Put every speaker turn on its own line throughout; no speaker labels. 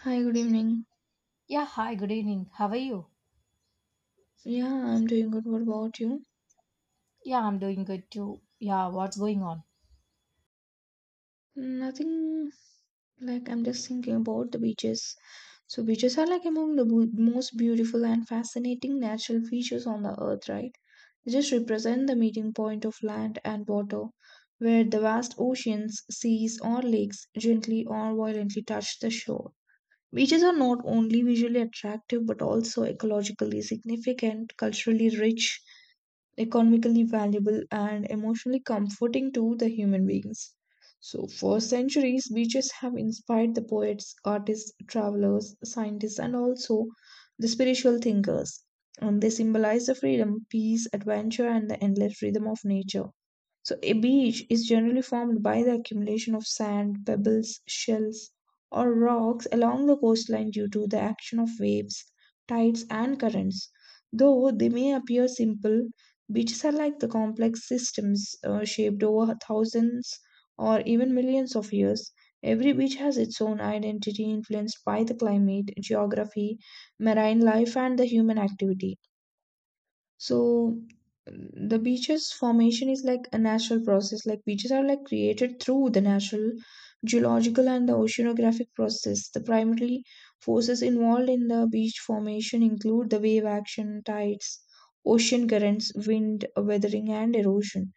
Hi, good evening.
Yeah, hi, good evening. How are you?
Yeah, I'm doing good. What about you?
Yeah, I'm doing good too. Yeah, what's going on?
Nothing like I'm just thinking about the beaches. So, beaches are like among the most beautiful and fascinating natural features on the earth, right? They just represent the meeting point of land and water, where the vast oceans, seas, or lakes gently or violently touch the shore. Beaches are not only visually attractive but also ecologically significant, culturally rich, economically valuable, and emotionally comforting to the human beings. So, for centuries, beaches have inspired the poets, artists, travelers, scientists, and also the spiritual thinkers. And they symbolize the freedom, peace, adventure, and the endless rhythm of nature. So, a beach is generally formed by the accumulation of sand, pebbles, shells, or rocks along the coastline due to the action of waves, tides, and currents. Though they may appear simple, beaches are like the complex systems shaped over thousands or even millions of years. Every beach has its own identity influenced by the climate, geography, marine life, and the human activity. So the beaches formation is like a natural process. Like beaches are like created through the natural geological and the oceanographic process. The primary forces involved in the beach formation include the wave action, tides, ocean currents, wind, weathering, and erosion.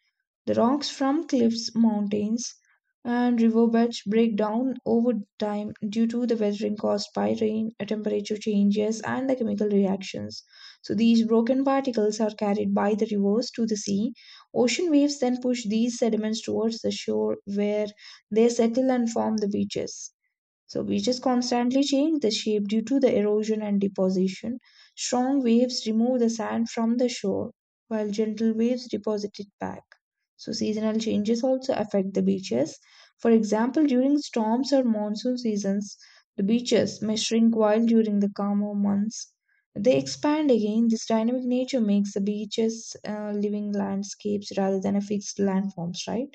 The rocks from cliffs, mountains, and riverbeds break down over time due to the weathering caused by rain, temperature changes, and the chemical reactions. So, these broken particles are carried by the rivers to the sea. Ocean waves then push these sediments towards the shore where they settle and form the beaches. So beaches constantly change the shape due to the erosion and deposition. Strong waves remove the sand from the shore, while gentle waves deposit it back. So seasonal changes also affect the beaches. For example, during storms or monsoon seasons, the beaches may shrink while during the calmer months. They expand again. This dynamic nature makes the beaches living landscapes rather than a fixed landforms, right?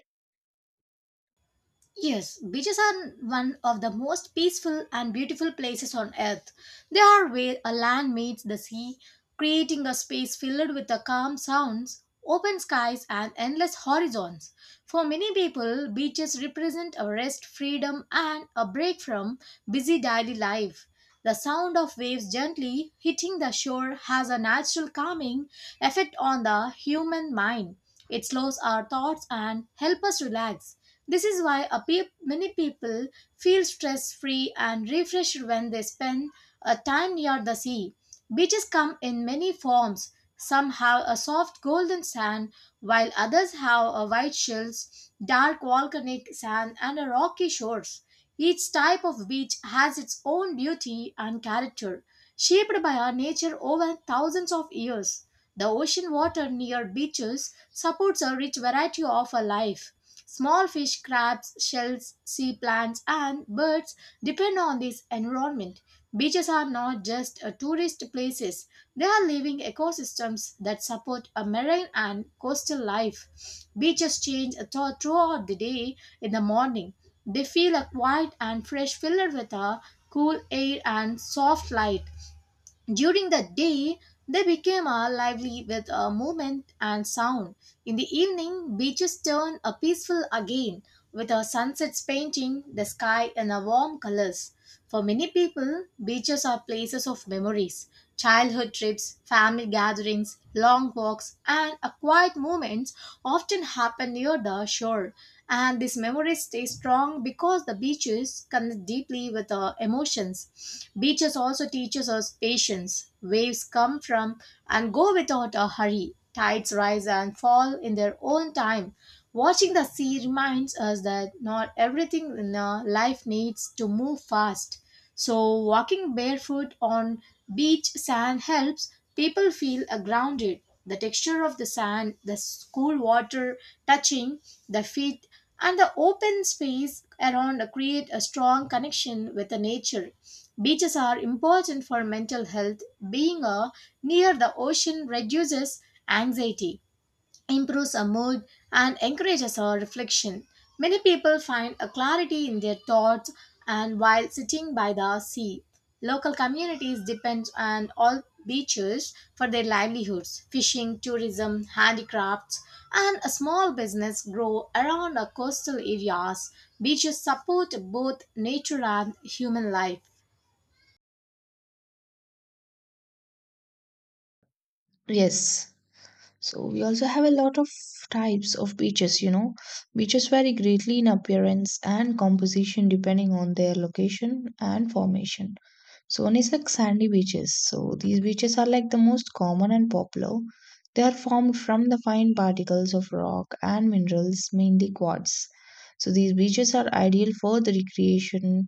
Yes, beaches are one of the most peaceful and beautiful places on earth. They are where a land meets the sea, creating a space filled with the calm sounds, open skies, and endless horizons. For many people, beaches represent a rest, freedom, and a break from busy daily life. The sound of waves gently hitting the shore has a natural calming effect on the human mind. It slows our thoughts and helps us relax. This is why a peop many people feel stress free and refreshed when they spend a time near the sea. Beaches come in many forms. Some have a soft golden sand, while others have a white shells, dark volcanic sand, and a rocky shores. Each type of beach has its own beauty and character, shaped by our nature over thousands of years. The ocean water near beaches supports a rich variety of a life. Small fish, crabs, shells, sea plants, and birds depend on this environment. Beaches are not just tourist places, they are living ecosystems that support a marine and coastal life. Beaches change throughout the day in the morning. They feel a quiet and fresh, filled with a cool air and soft light. During the day, they became lively with movement and sound. In the evening, beaches turn a peaceful again with our sunsets painting the sky in a warm colors. For many people, beaches are places of memories, childhood trips, family gatherings, long walks, and a quiet moments often happen near the shore, and these memories stay strong because the beaches connect deeply with our emotions. Beaches also teaches us patience. Waves come from and go without a hurry. Tides rise and fall in their own time. Watching the sea reminds us that not everything in our life needs to move fast. So, walking barefoot on beach sand helps people feel grounded. The texture of the sand, the cool water touching the feet, and the open space around create a strong connection with the nature. Beaches are important for mental health. Being near the ocean reduces anxiety, improves our mood, and encourages our reflection. Many people find a clarity in their thoughts and while sitting by the sea. Local communities depend on all beaches for their livelihoods. Fishing, tourism, handicrafts, and a small business grow around our coastal areas. Beaches support both nature and human life.
Yes. So we also have a lot of types of beaches, you know. Beaches vary greatly in appearance and composition depending on their location and formation. So one is like sandy beaches. So these beaches are like the most common and popular. They are formed from the fine particles of rock and minerals, mainly quartz. So these beaches are ideal for the recreation,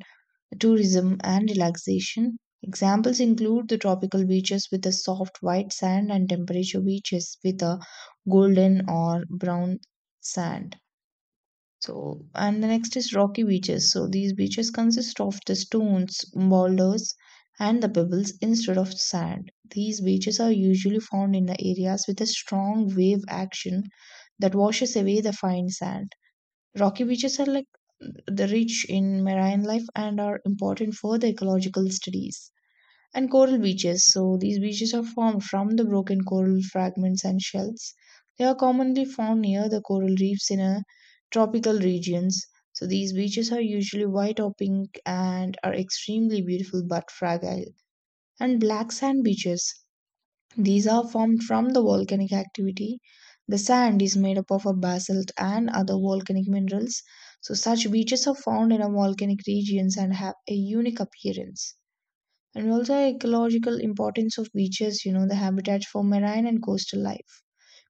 tourism, and relaxation. Examples include the tropical beaches with the soft white sand and temperature beaches with a golden or brown sand. So, and the next is rocky beaches. So, these beaches consist of the stones, boulders, and the pebbles instead of sand. These beaches are usually found in the areas with a strong wave action that washes away the fine sand. Rocky beaches are like the rich in marine life and are important for the ecological studies. And coral beaches. So these beaches are formed from the broken coral fragments and shells. They are commonly found near the coral reefs in tropical regions. So these beaches are usually white or pink and are extremely beautiful but fragile. And black sand beaches. These are formed from the volcanic activity. The sand is made up of a basalt and other volcanic minerals. So such beaches are found in a volcanic regions and have a unique appearance. And also ecological importance of beaches, you know, the habitats for marine and coastal life.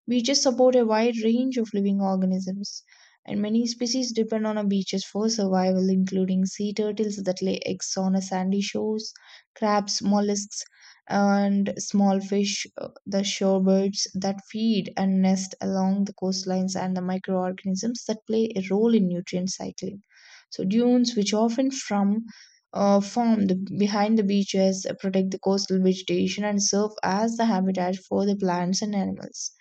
Beaches support a wide range of living organisms, and many species depend on our beaches for survival, including sea turtles that lay eggs on our sandy shores, crabs, mollusks, and small fish, the shorebirds that feed and nest along the coastlines, and the microorganisms that play a role in nutrient cycling. So, dunes, which often from formed behind the beaches, protect the coastal vegetation and serve as the habitat for the plants and animals,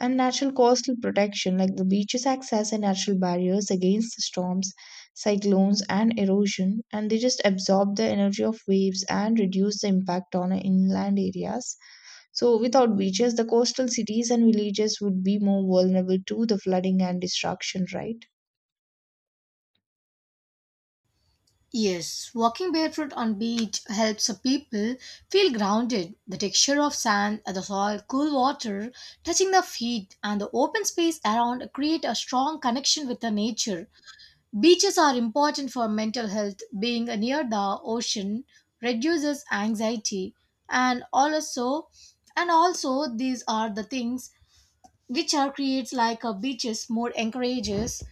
and natural coastal protection like the beaches acts as a natural barriers against storms, cyclones and erosion, and they just absorb the energy of waves and reduce the impact on inland areas. So without beaches the coastal cities and villages would be more vulnerable to the flooding and destruction, right?
Yes, walking barefoot on beach helps people feel grounded. The texture of sand, the soil, cool water touching the feet, and the open space around create a strong connection with the nature. Beaches are important for mental health. Being near the ocean reduces anxiety, and also, and also these are the things which are creates like a beaches more encourages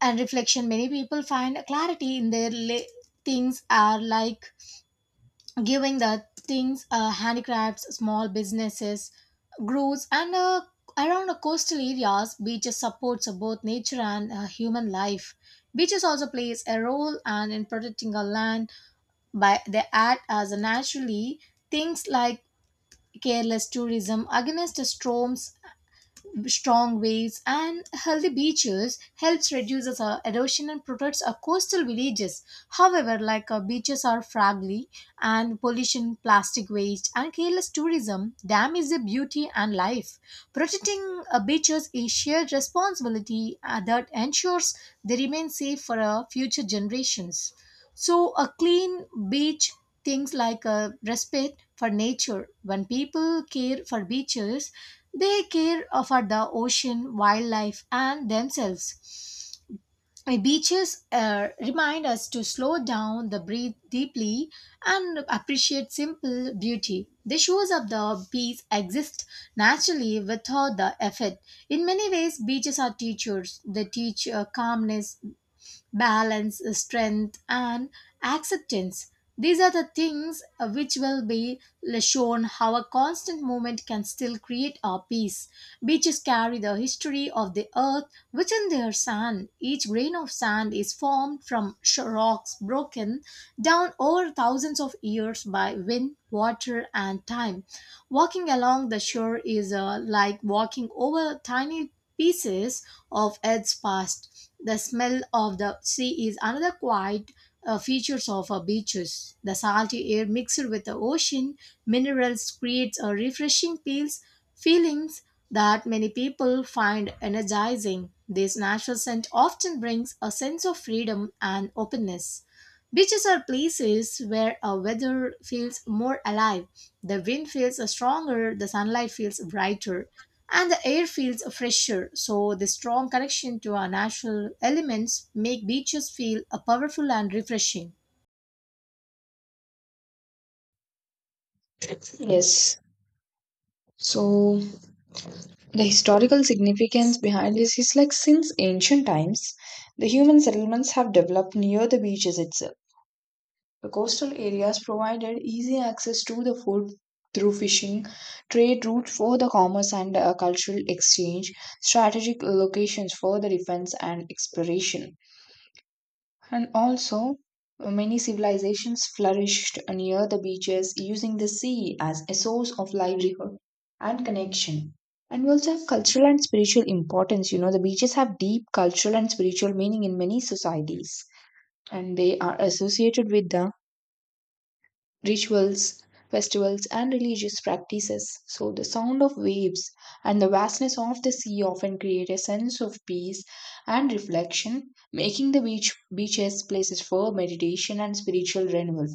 and reflection. Many people find clarity in their things are like giving the things, handicrafts, small businesses grows and around the coastal areas. Beaches supports both nature and human life. Beaches also plays a role and in protecting our land by they act as a naturally things like careless tourism against the storms, strong waves, and healthy beaches helps reduces erosion and protects our coastal villages. However, beaches are fragile, and pollution, plastic waste, and careless tourism damage the beauty and life. Protecting beaches is shared responsibility that ensures they remain safe for future generations. So, a clean beach things like a respect for nature. When people care for beaches, they care for the ocean, wildlife, and themselves. Beaches remind us to slow down, the breathe deeply, and appreciate simple beauty. They shows up the peace exist naturally without the effort. In many ways, beaches are teachers. They teach calmness, balance, strength, and acceptance. These are the things, which will be shown how a constant movement can still create our peace. Beaches carry the history of the earth within their sand. Each grain of sand is formed from rocks broken down over thousands of years by wind, water, and time. Walking along the shore is like walking over tiny pieces of Earth's past. The smell of the sea is another quiet features of our beaches. The salty air mixed with the ocean minerals creates a refreshing feelings that many people find energizing. This natural scent often brings a sense of freedom and openness. Beaches are places where a weather feels more alive. The wind feels stronger, the sunlight feels brighter, and the air feels fresher. So, the strong connection to our natural elements make beaches feel powerful and refreshing.
Yes. So the historical significance behind this is like since ancient times, the human settlements have developed near the beaches itself. The coastal areas provided easy access to the food through fishing, trade routes for the commerce and cultural exchange, strategic locations for the defense and exploration. And also, many civilizations flourished near the beaches, using the sea as a source of livelihood and connection. And we also have cultural and spiritual importance. You know, the beaches have deep cultural and spiritual meaning in many societies, and they are associated with the rituals, festivals, and religious practices. So, the sound of waves and the vastness of the sea often create a sense of peace and reflection, making the beaches places for meditation and spiritual renewal.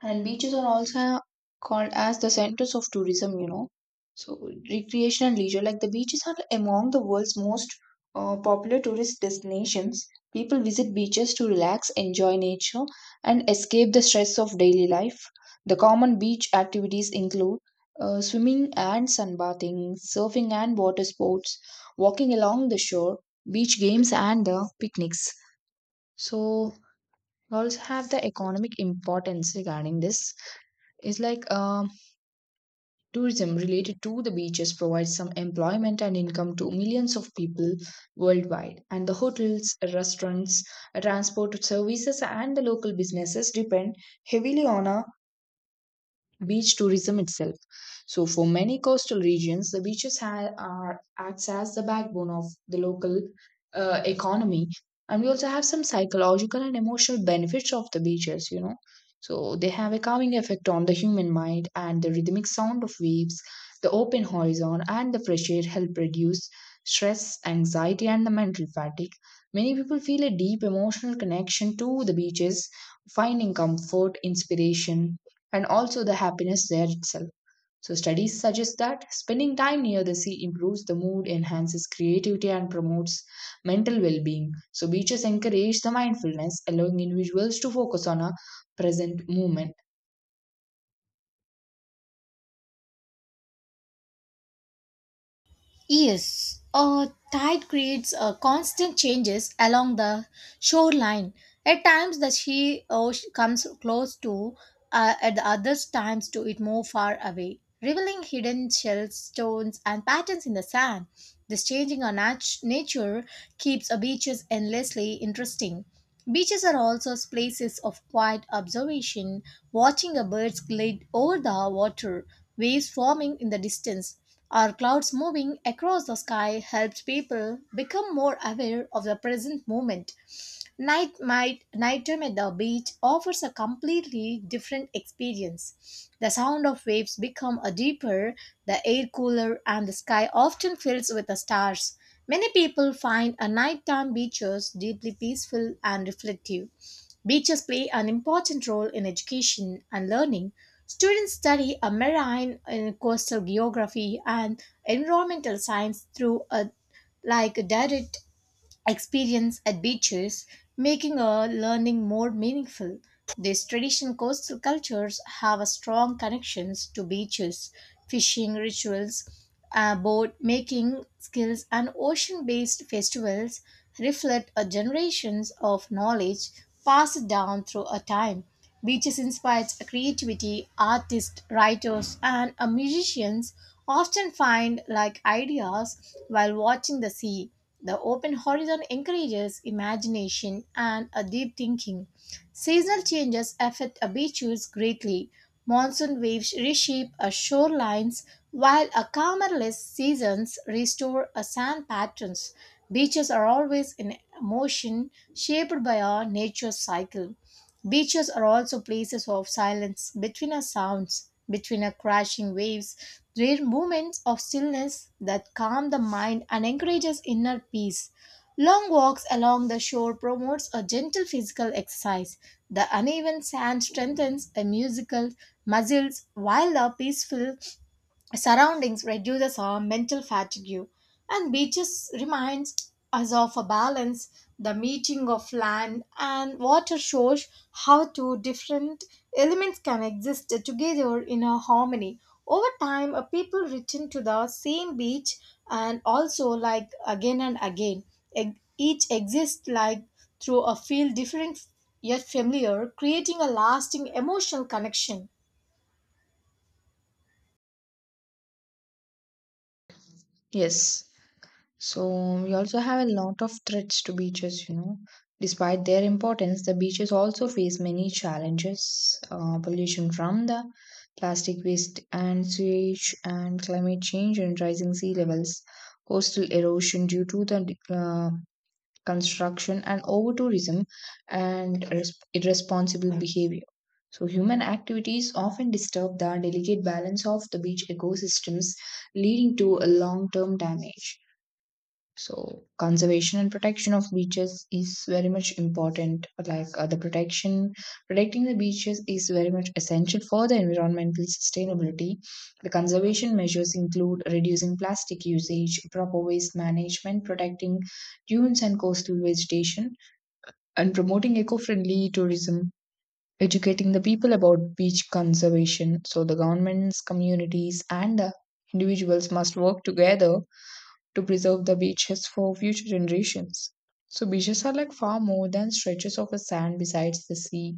And beaches are also called as the centers of tourism, you know. So, recreation and leisure, like the beaches are among the world's most popular tourist destinations. People visit beaches to relax, enjoy nature, and escape the stress of daily life. The common beach activities include swimming and sunbathing, surfing and water sports, walking along the shore, beach games, and the picnics. So, we also have the economic importance regarding this is like tourism related to the beaches provides some employment and income to millions of people worldwide, and the hotels, restaurants, transport services and the local businesses depend heavily on a beach tourism itself. So, for many coastal regions, the beaches are acts as the backbone of the local economy, and we also have some psychological and emotional benefits of the beaches. You know, so they have a calming effect on the human mind, and the rhythmic sound of waves, the open horizon, and the fresh air help reduce stress, anxiety, and the mental fatigue. Many people feel a deep emotional connection to the beaches, finding comfort, inspiration, and also the happiness there itself. So, studies suggest that spending time near the sea improves the mood, enhances creativity, and promotes mental well being. So, beaches encourage the mindfulness, allowing individuals to focus on a present moment.
Yes, a tide creates constant changes along the shoreline. At times, the sea comes close to, at the other times, to it move far away, revealing hidden shells, stones, and patterns in the sand. This changing of nature keeps beaches endlessly interesting. Beaches are also places of quiet observation, watching a birds glide over the water, waves forming in the distance. Our clouds moving across the sky helps people become more aware of the present moment. Nighttime at the beach offers a completely different experience. The sound of waves become a deeper, the air cooler, and the sky often fills with the stars. Many people find a nighttime beaches deeply peaceful and reflective. Beaches play an important role in education and learning. Students study a marine and coastal geography and environmental science through a like direct experience at beaches, making a learning more meaningful. These traditional coastal cultures have a strong connections to beaches, fishing rituals, boat making skills, and ocean-based festivals reflect a generations of knowledge passed down through a time. Beaches inspires creativity. Artists, writers, and musicians often find like ideas while watching the sea. The open horizon encourages imagination and a deep thinking. Seasonal changes affect a beaches greatly. Monsoon waves reshape a shorelines, while a calmer less seasons restore a sand patterns. Beaches are always in motion, shaped by our nature's cycle. Beaches are also places of silence between our sounds, between our crashing waves. They're moments of stillness that calm the mind and encourages inner peace. Long walks along the shore promotes a gentle physical exercise. The uneven sand strengthens a musical muscles, while the peaceful surroundings reduces our mental fatigue. And beaches reminds us of a balance. The meeting of land and water shows how two different elements can exist together in a harmony. Over time, a people return to the same beach and also like again and again. Each exists like through a feel different yet familiar, creating a lasting emotional connection.
Yes. So we also have a lot of threats to beaches, you know. Despite their importance, the beaches also face many challenges, pollution from the plastic waste and sewage, and climate change and rising sea levels, coastal erosion due to the construction and over-tourism, and irresponsible behavior. So human activities often disturb the delicate balance of the beach ecosystems, leading to a long-term damage. So conservation and protection of beaches is very much important. Like protecting the beaches is very much essential for the environmental sustainability. The conservation measures include reducing plastic usage, proper waste management, protecting dunes and coastal vegetation, and promoting eco-friendly tourism. Educating the people about beach conservation. So the governments, communities, and the individuals must work together to preserve the beaches for future generations. So, beaches are like far more than stretches of a sand beside the sea.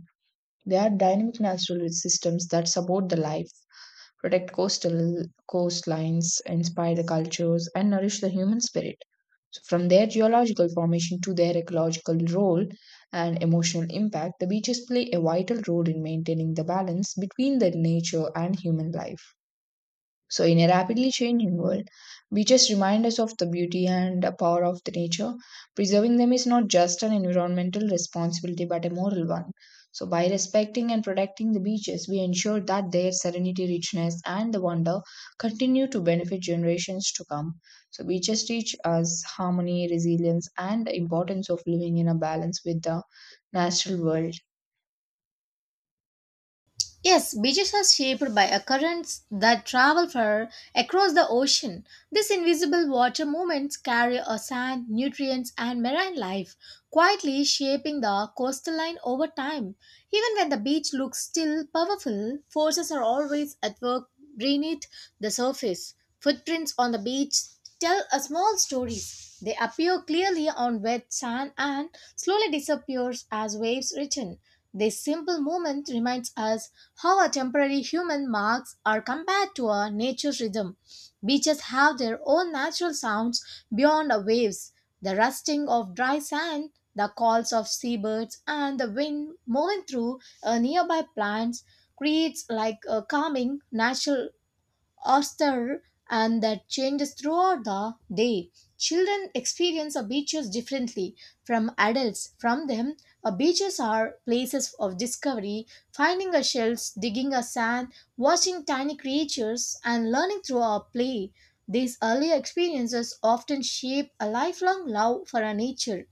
They are dynamic natural systems that support the life, protect coastal coastlines, inspire the cultures, and nourish the human spirit. So from their geological formation to their ecological role and emotional impact, the beaches play a vital role in maintaining the balance between the nature and human life. So, in a rapidly changing world, beaches remind us of the beauty and the power of the nature. Preserving them is not just an environmental responsibility but a moral one. So, by respecting and protecting the beaches, we ensure that their serenity, richness, and the wonder continue to benefit generations to come. So, beaches teach us harmony, resilience, and the importance of living in a balance with the natural world.
Yes, beaches are shaped by a currents that travel far across the ocean. These invisible water movements carry a sand, nutrients, and marine life, quietly shaping the coastal line over time. Even when the beach looks still powerful, forces are always at work beneath the surface. Footprints on the beach tell a small story. They appear clearly on wet sand and slowly disappears as waves return. This simple movement reminds us how our temporary human marks are compared to our nature's rhythm. Beaches have their own natural sounds beyond our waves, the rusting of dry sand, the calls of seabirds, and the wind moving through nearby plants creates like a calming natural austere and that changes throughout the day. Children experience a beaches differently from adults. From them, a beaches are places of discovery, finding a shells, digging a sand, watching tiny creatures, and learning through our play. These early experiences often shape a lifelong love for our nature.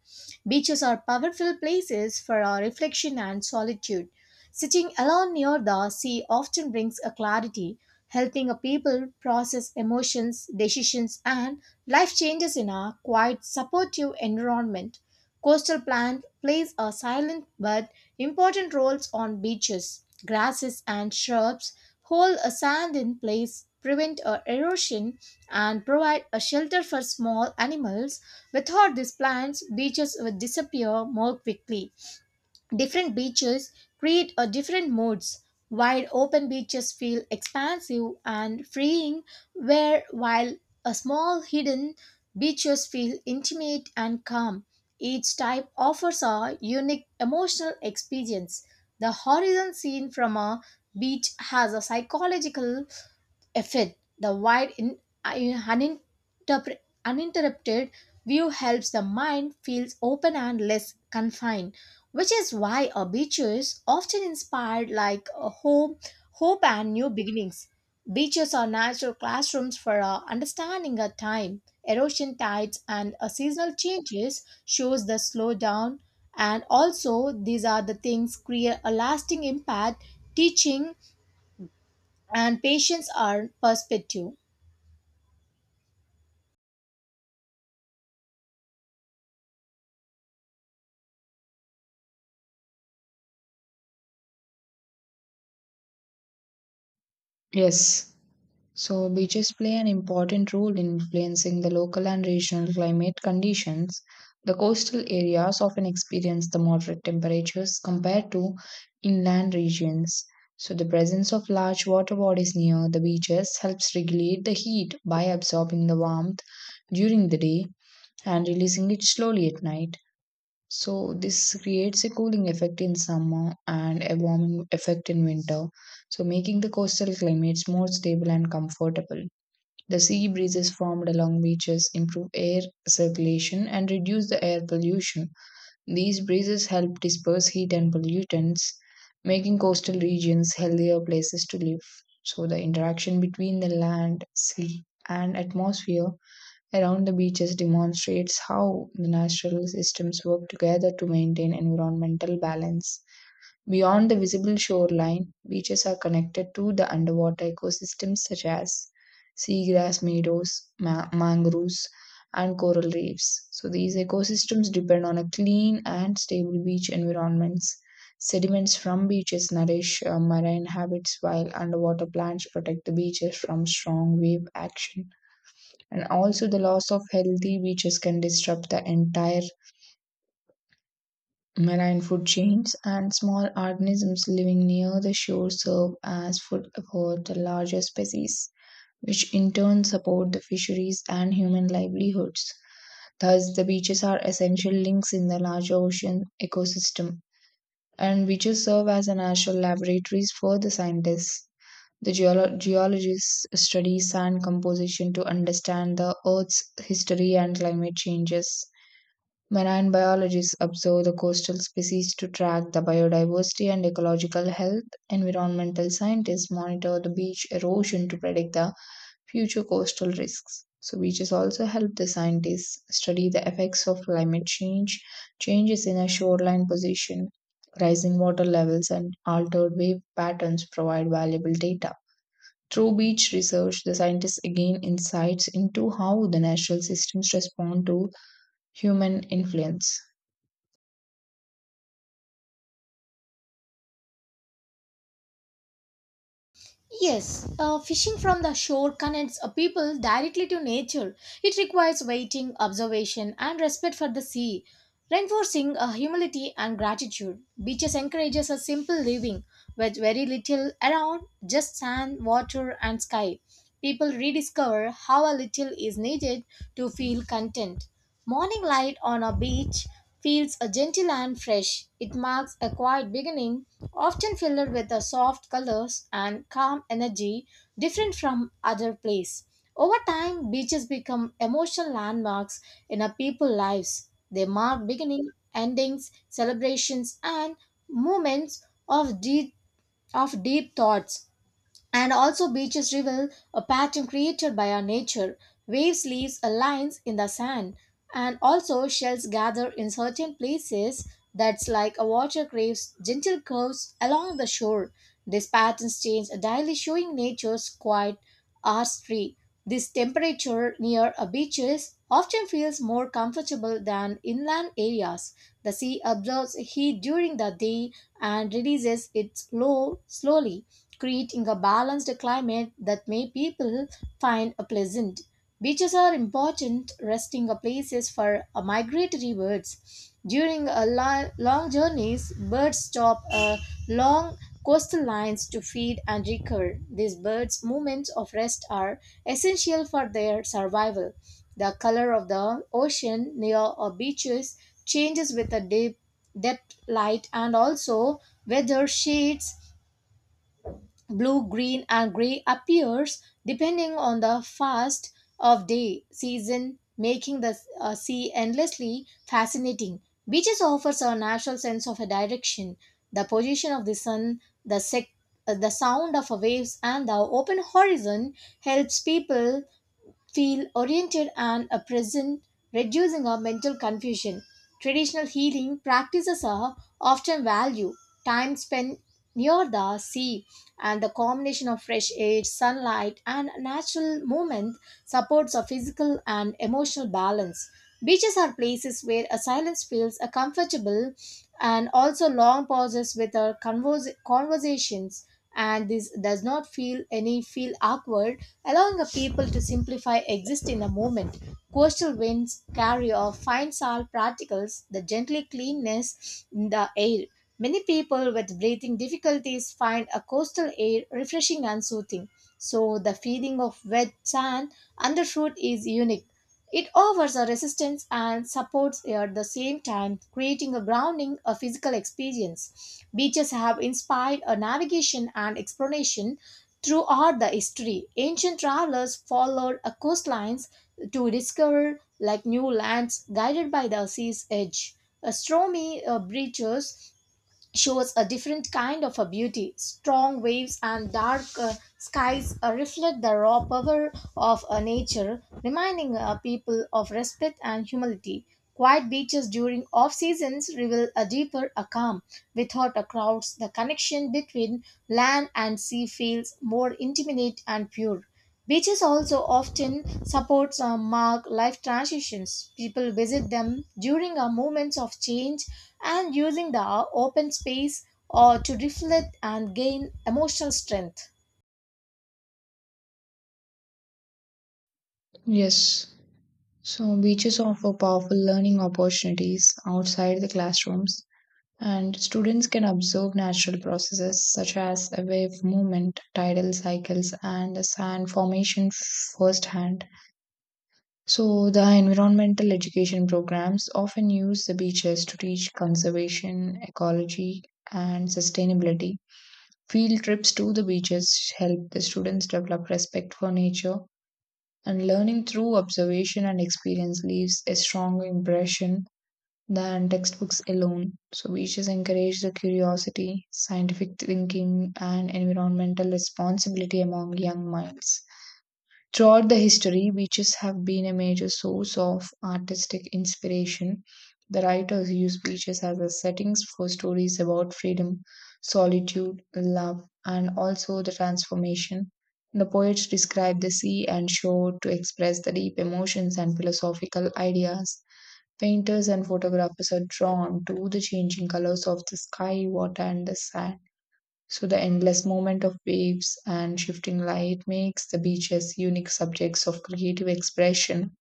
Beaches are powerful places for our reflection and solitude. Sitting alone near the sea often brings a clarity, helping a people process emotions, decisions, and life changes in a quiet, supportive environment. Coastal plant plays a silent but important roles on beaches. Grasses and shrubs hold a sand in place, prevent a erosion, and provide a shelter for small animals. Without these plants, beaches would disappear more quickly. Different beaches create a different moods. Wide open beaches feel expansive and freeing, where while a small hidden beaches feel intimate and calm. Each type offers a unique emotional experience. The horizon seen from a beach has a psychological effect. The wide, in, uninterpre- uninterrupted view helps the mind feels open and less confined, which is why a beaches often inspired like a home, hope, and new beginnings. Beaches are natural classrooms for understanding a time. Erosion, tides, and seasonal changes shows the slowdown, and also these are the things create a lasting impact. Teaching and patience are perspective.
Yes. So beaches play an important role in influencing the local and regional climate conditions. The coastal areas often experience the moderate temperatures compared to inland regions. So the presence of large water bodies near the beaches helps regulate the heat by absorbing the warmth during the day and releasing it slowly at night. So this creates a cooling effect in summer and a warming effect in winter, so making the coastal climates more stable and comfortable. The sea breezes formed along beaches improve air circulation and reduce the air pollution. These breezes help disperse heat and pollutants, making coastal regions healthier places to live. So the interaction between the land, sea, and atmosphere around the beaches demonstrates how the natural systems work together to maintain environmental balance. Beyond the visible shoreline, beaches are connected to the underwater ecosystems such as seagrass meadows, mangroves, and coral reefs. So, these ecosystems depend on a clean and stable beach environments. Sediments from beaches nourish marine habits, while underwater plants protect the beaches from strong wave action. And also, the loss of healthy beaches can disrupt the entire marine food chains, and small organisms living near the shore serve as food for the larger species, which in turn support the fisheries and human livelihoods. Thus, the beaches are essential links in the larger ocean ecosystem, and beaches serve as a natural laboratories for the scientists. The geologists study sand composition to understand the Earth's history and climate changes. Marine biologists observe the coastal species to track the biodiversity and ecological health. Environmental scientists monitor the beach erosion to predict the future coastal risks. So, beaches also help the scientists study the effects of climate change, changes in a shoreline position, rising water levels, and altered wave patterns provide valuable data. Through beach research, the scientists gain insights into how the natural systems respond to human influence.
Yes, fishing from the shore connects a people directly to nature. It requires waiting, observation, and respect for the sea, reinforcing a humility and gratitude. Beaches encourages a simple living with very little around, just sand, water, and sky. People rediscover how a little is needed to feel content. Morning light on a beach feels a gentle and fresh. It marks a quiet beginning, often filled with a soft colors and calm energy different from other place. Over time, beaches become emotional landmarks in a people's lives. They mark beginning, endings, celebrations, and moments of deep thoughts and also beaches reveal a pattern created by our nature. Waves leaves a lines in the sand, and also shells gather in certain places that's like a water craves gentle curves along the shore. These patterns change daily, showing nature's quiet artistry. This temperature near a beaches often feels more comfortable than inland areas. The sea absorbs heat during the day and releases it slowly, creating a balanced climate that may people find a pleasant. Beaches are important resting places for migratory birds. During a long journeys, birds stop long coastal lines to feed and recur. These birds' moments of rest are essential for their survival. The color of the ocean near our beaches changes with the depth light, and also weather shades. Blue, green, and gray appears depending on the fast of day season, making the sea endlessly fascinating. Beaches offers a natural sense of a direction, the position of the sun, the sound of waves, and the open horizon helps people feel oriented and present, reducing our mental confusion. Traditional healing practices are often value time spent near the sea, and the combination of fresh air, sunlight, and natural movement supports a physical and emotional balance. Beaches are places where a silence feels a comfortable and also long pauses with our conversations, and this does not feel any feel awkward, allowing a people to simplify exist in the moment. Coastal winds carry off fine salt particles that gently cleanness in the air. Many people with breathing difficulties find a coastal air refreshing and soothing. So the feeling of wet sand underfoot is unique. It offers a resistance and supports at the same time, creating a grounding, a physical experience. Beaches have inspired a navigation and exploration throughout the history. Ancient travelers followed a coastlines to discover like new lands guided by the sea's edge. A stormy breaches shows a different kind of a beauty. Strong waves and dark skies reflect the raw power of nature, reminding people of respect and humility. Quiet beaches during off seasons reveal a deeper a calm. Without a crowds, the connection between land and sea feels more intimate and pure. Beaches also often support mark life transitions. People visit them during moments of change and using the open space or to reflect and gain emotional strength.
Yes. So beaches offer powerful learning opportunities outside the classrooms, and students can observe natural processes such as a wave movement, tidal cycles and the sand formation firsthand. So the environmental education programs often use the beaches to teach conservation, ecology and sustainability. Field trips to the beaches help the students develop respect for nature, and learning through observation and experience leaves a stronger impression than textbooks alone. So, we beaches encourage the curiosity, scientific thinking, and environmental responsibility among young minds. Throughout the history, beaches have been a major source of artistic inspiration. The writers used beaches as a settings for stories about freedom, solitude, love, and also the transformation. The poets describe the sea and shore to express the deep emotions and philosophical ideas. Painters and photographers are drawn to the changing colors of the sky, water, and the sand. So the endless movement of waves and shifting light makes the beaches unique subjects of creative expression.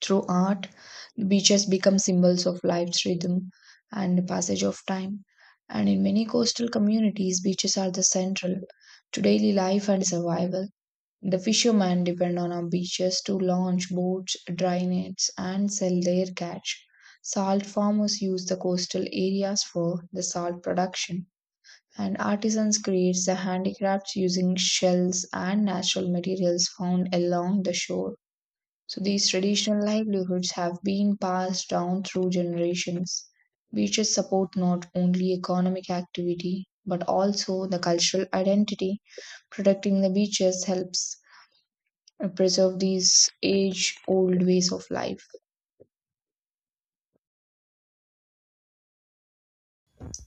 Through art, the beaches become symbols of life's rhythm and the passage of time. And in many coastal communities, beaches are the central to daily life and survival. The fishermen depend on our beaches to launch boats, dry nets, and sell their catch. Salt farmers use the coastal areas for the salt production, and artisans create the handicrafts using shells and natural materials found along the shore. So these traditional livelihoods have been passed down through generations. Beaches support not only economic activity but also the cultural identity. Protecting the beaches helps preserve these age old ways of life.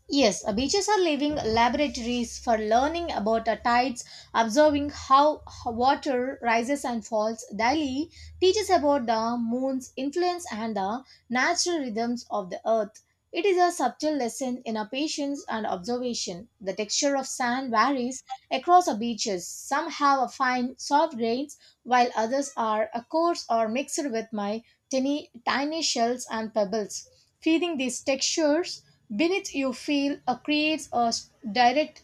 Yes, beaches are living laboratories for learning about the tides, observing how water rises and falls daily, teaches about the moon's influence and the natural rhythms of the earth. It is a subtle lesson in our patience and observation. The texture of sand varies across the beaches. Some have a fine, soft grains, while others are a coarse or mixed with my tiny, tiny shells and pebbles. Feeling these textures beneath you feel creates a direct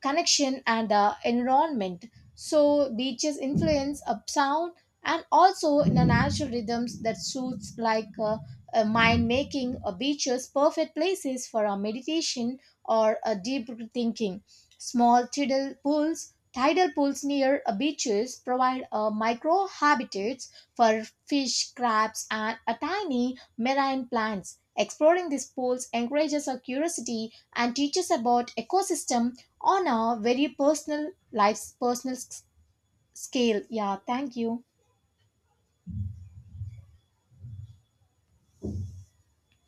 connection and environment. So beaches influence a sound and also in the natural rhythms that suits like mind, making a beaches perfect places for a meditation or a deep thinking. Small tidal pools near beaches provide micro habitats for fish, crabs, and tiny marine plants. Exploring these pools encourages our curiosity and teaches about ecosystem on a very personal life's personal scale. Yeah, thank you.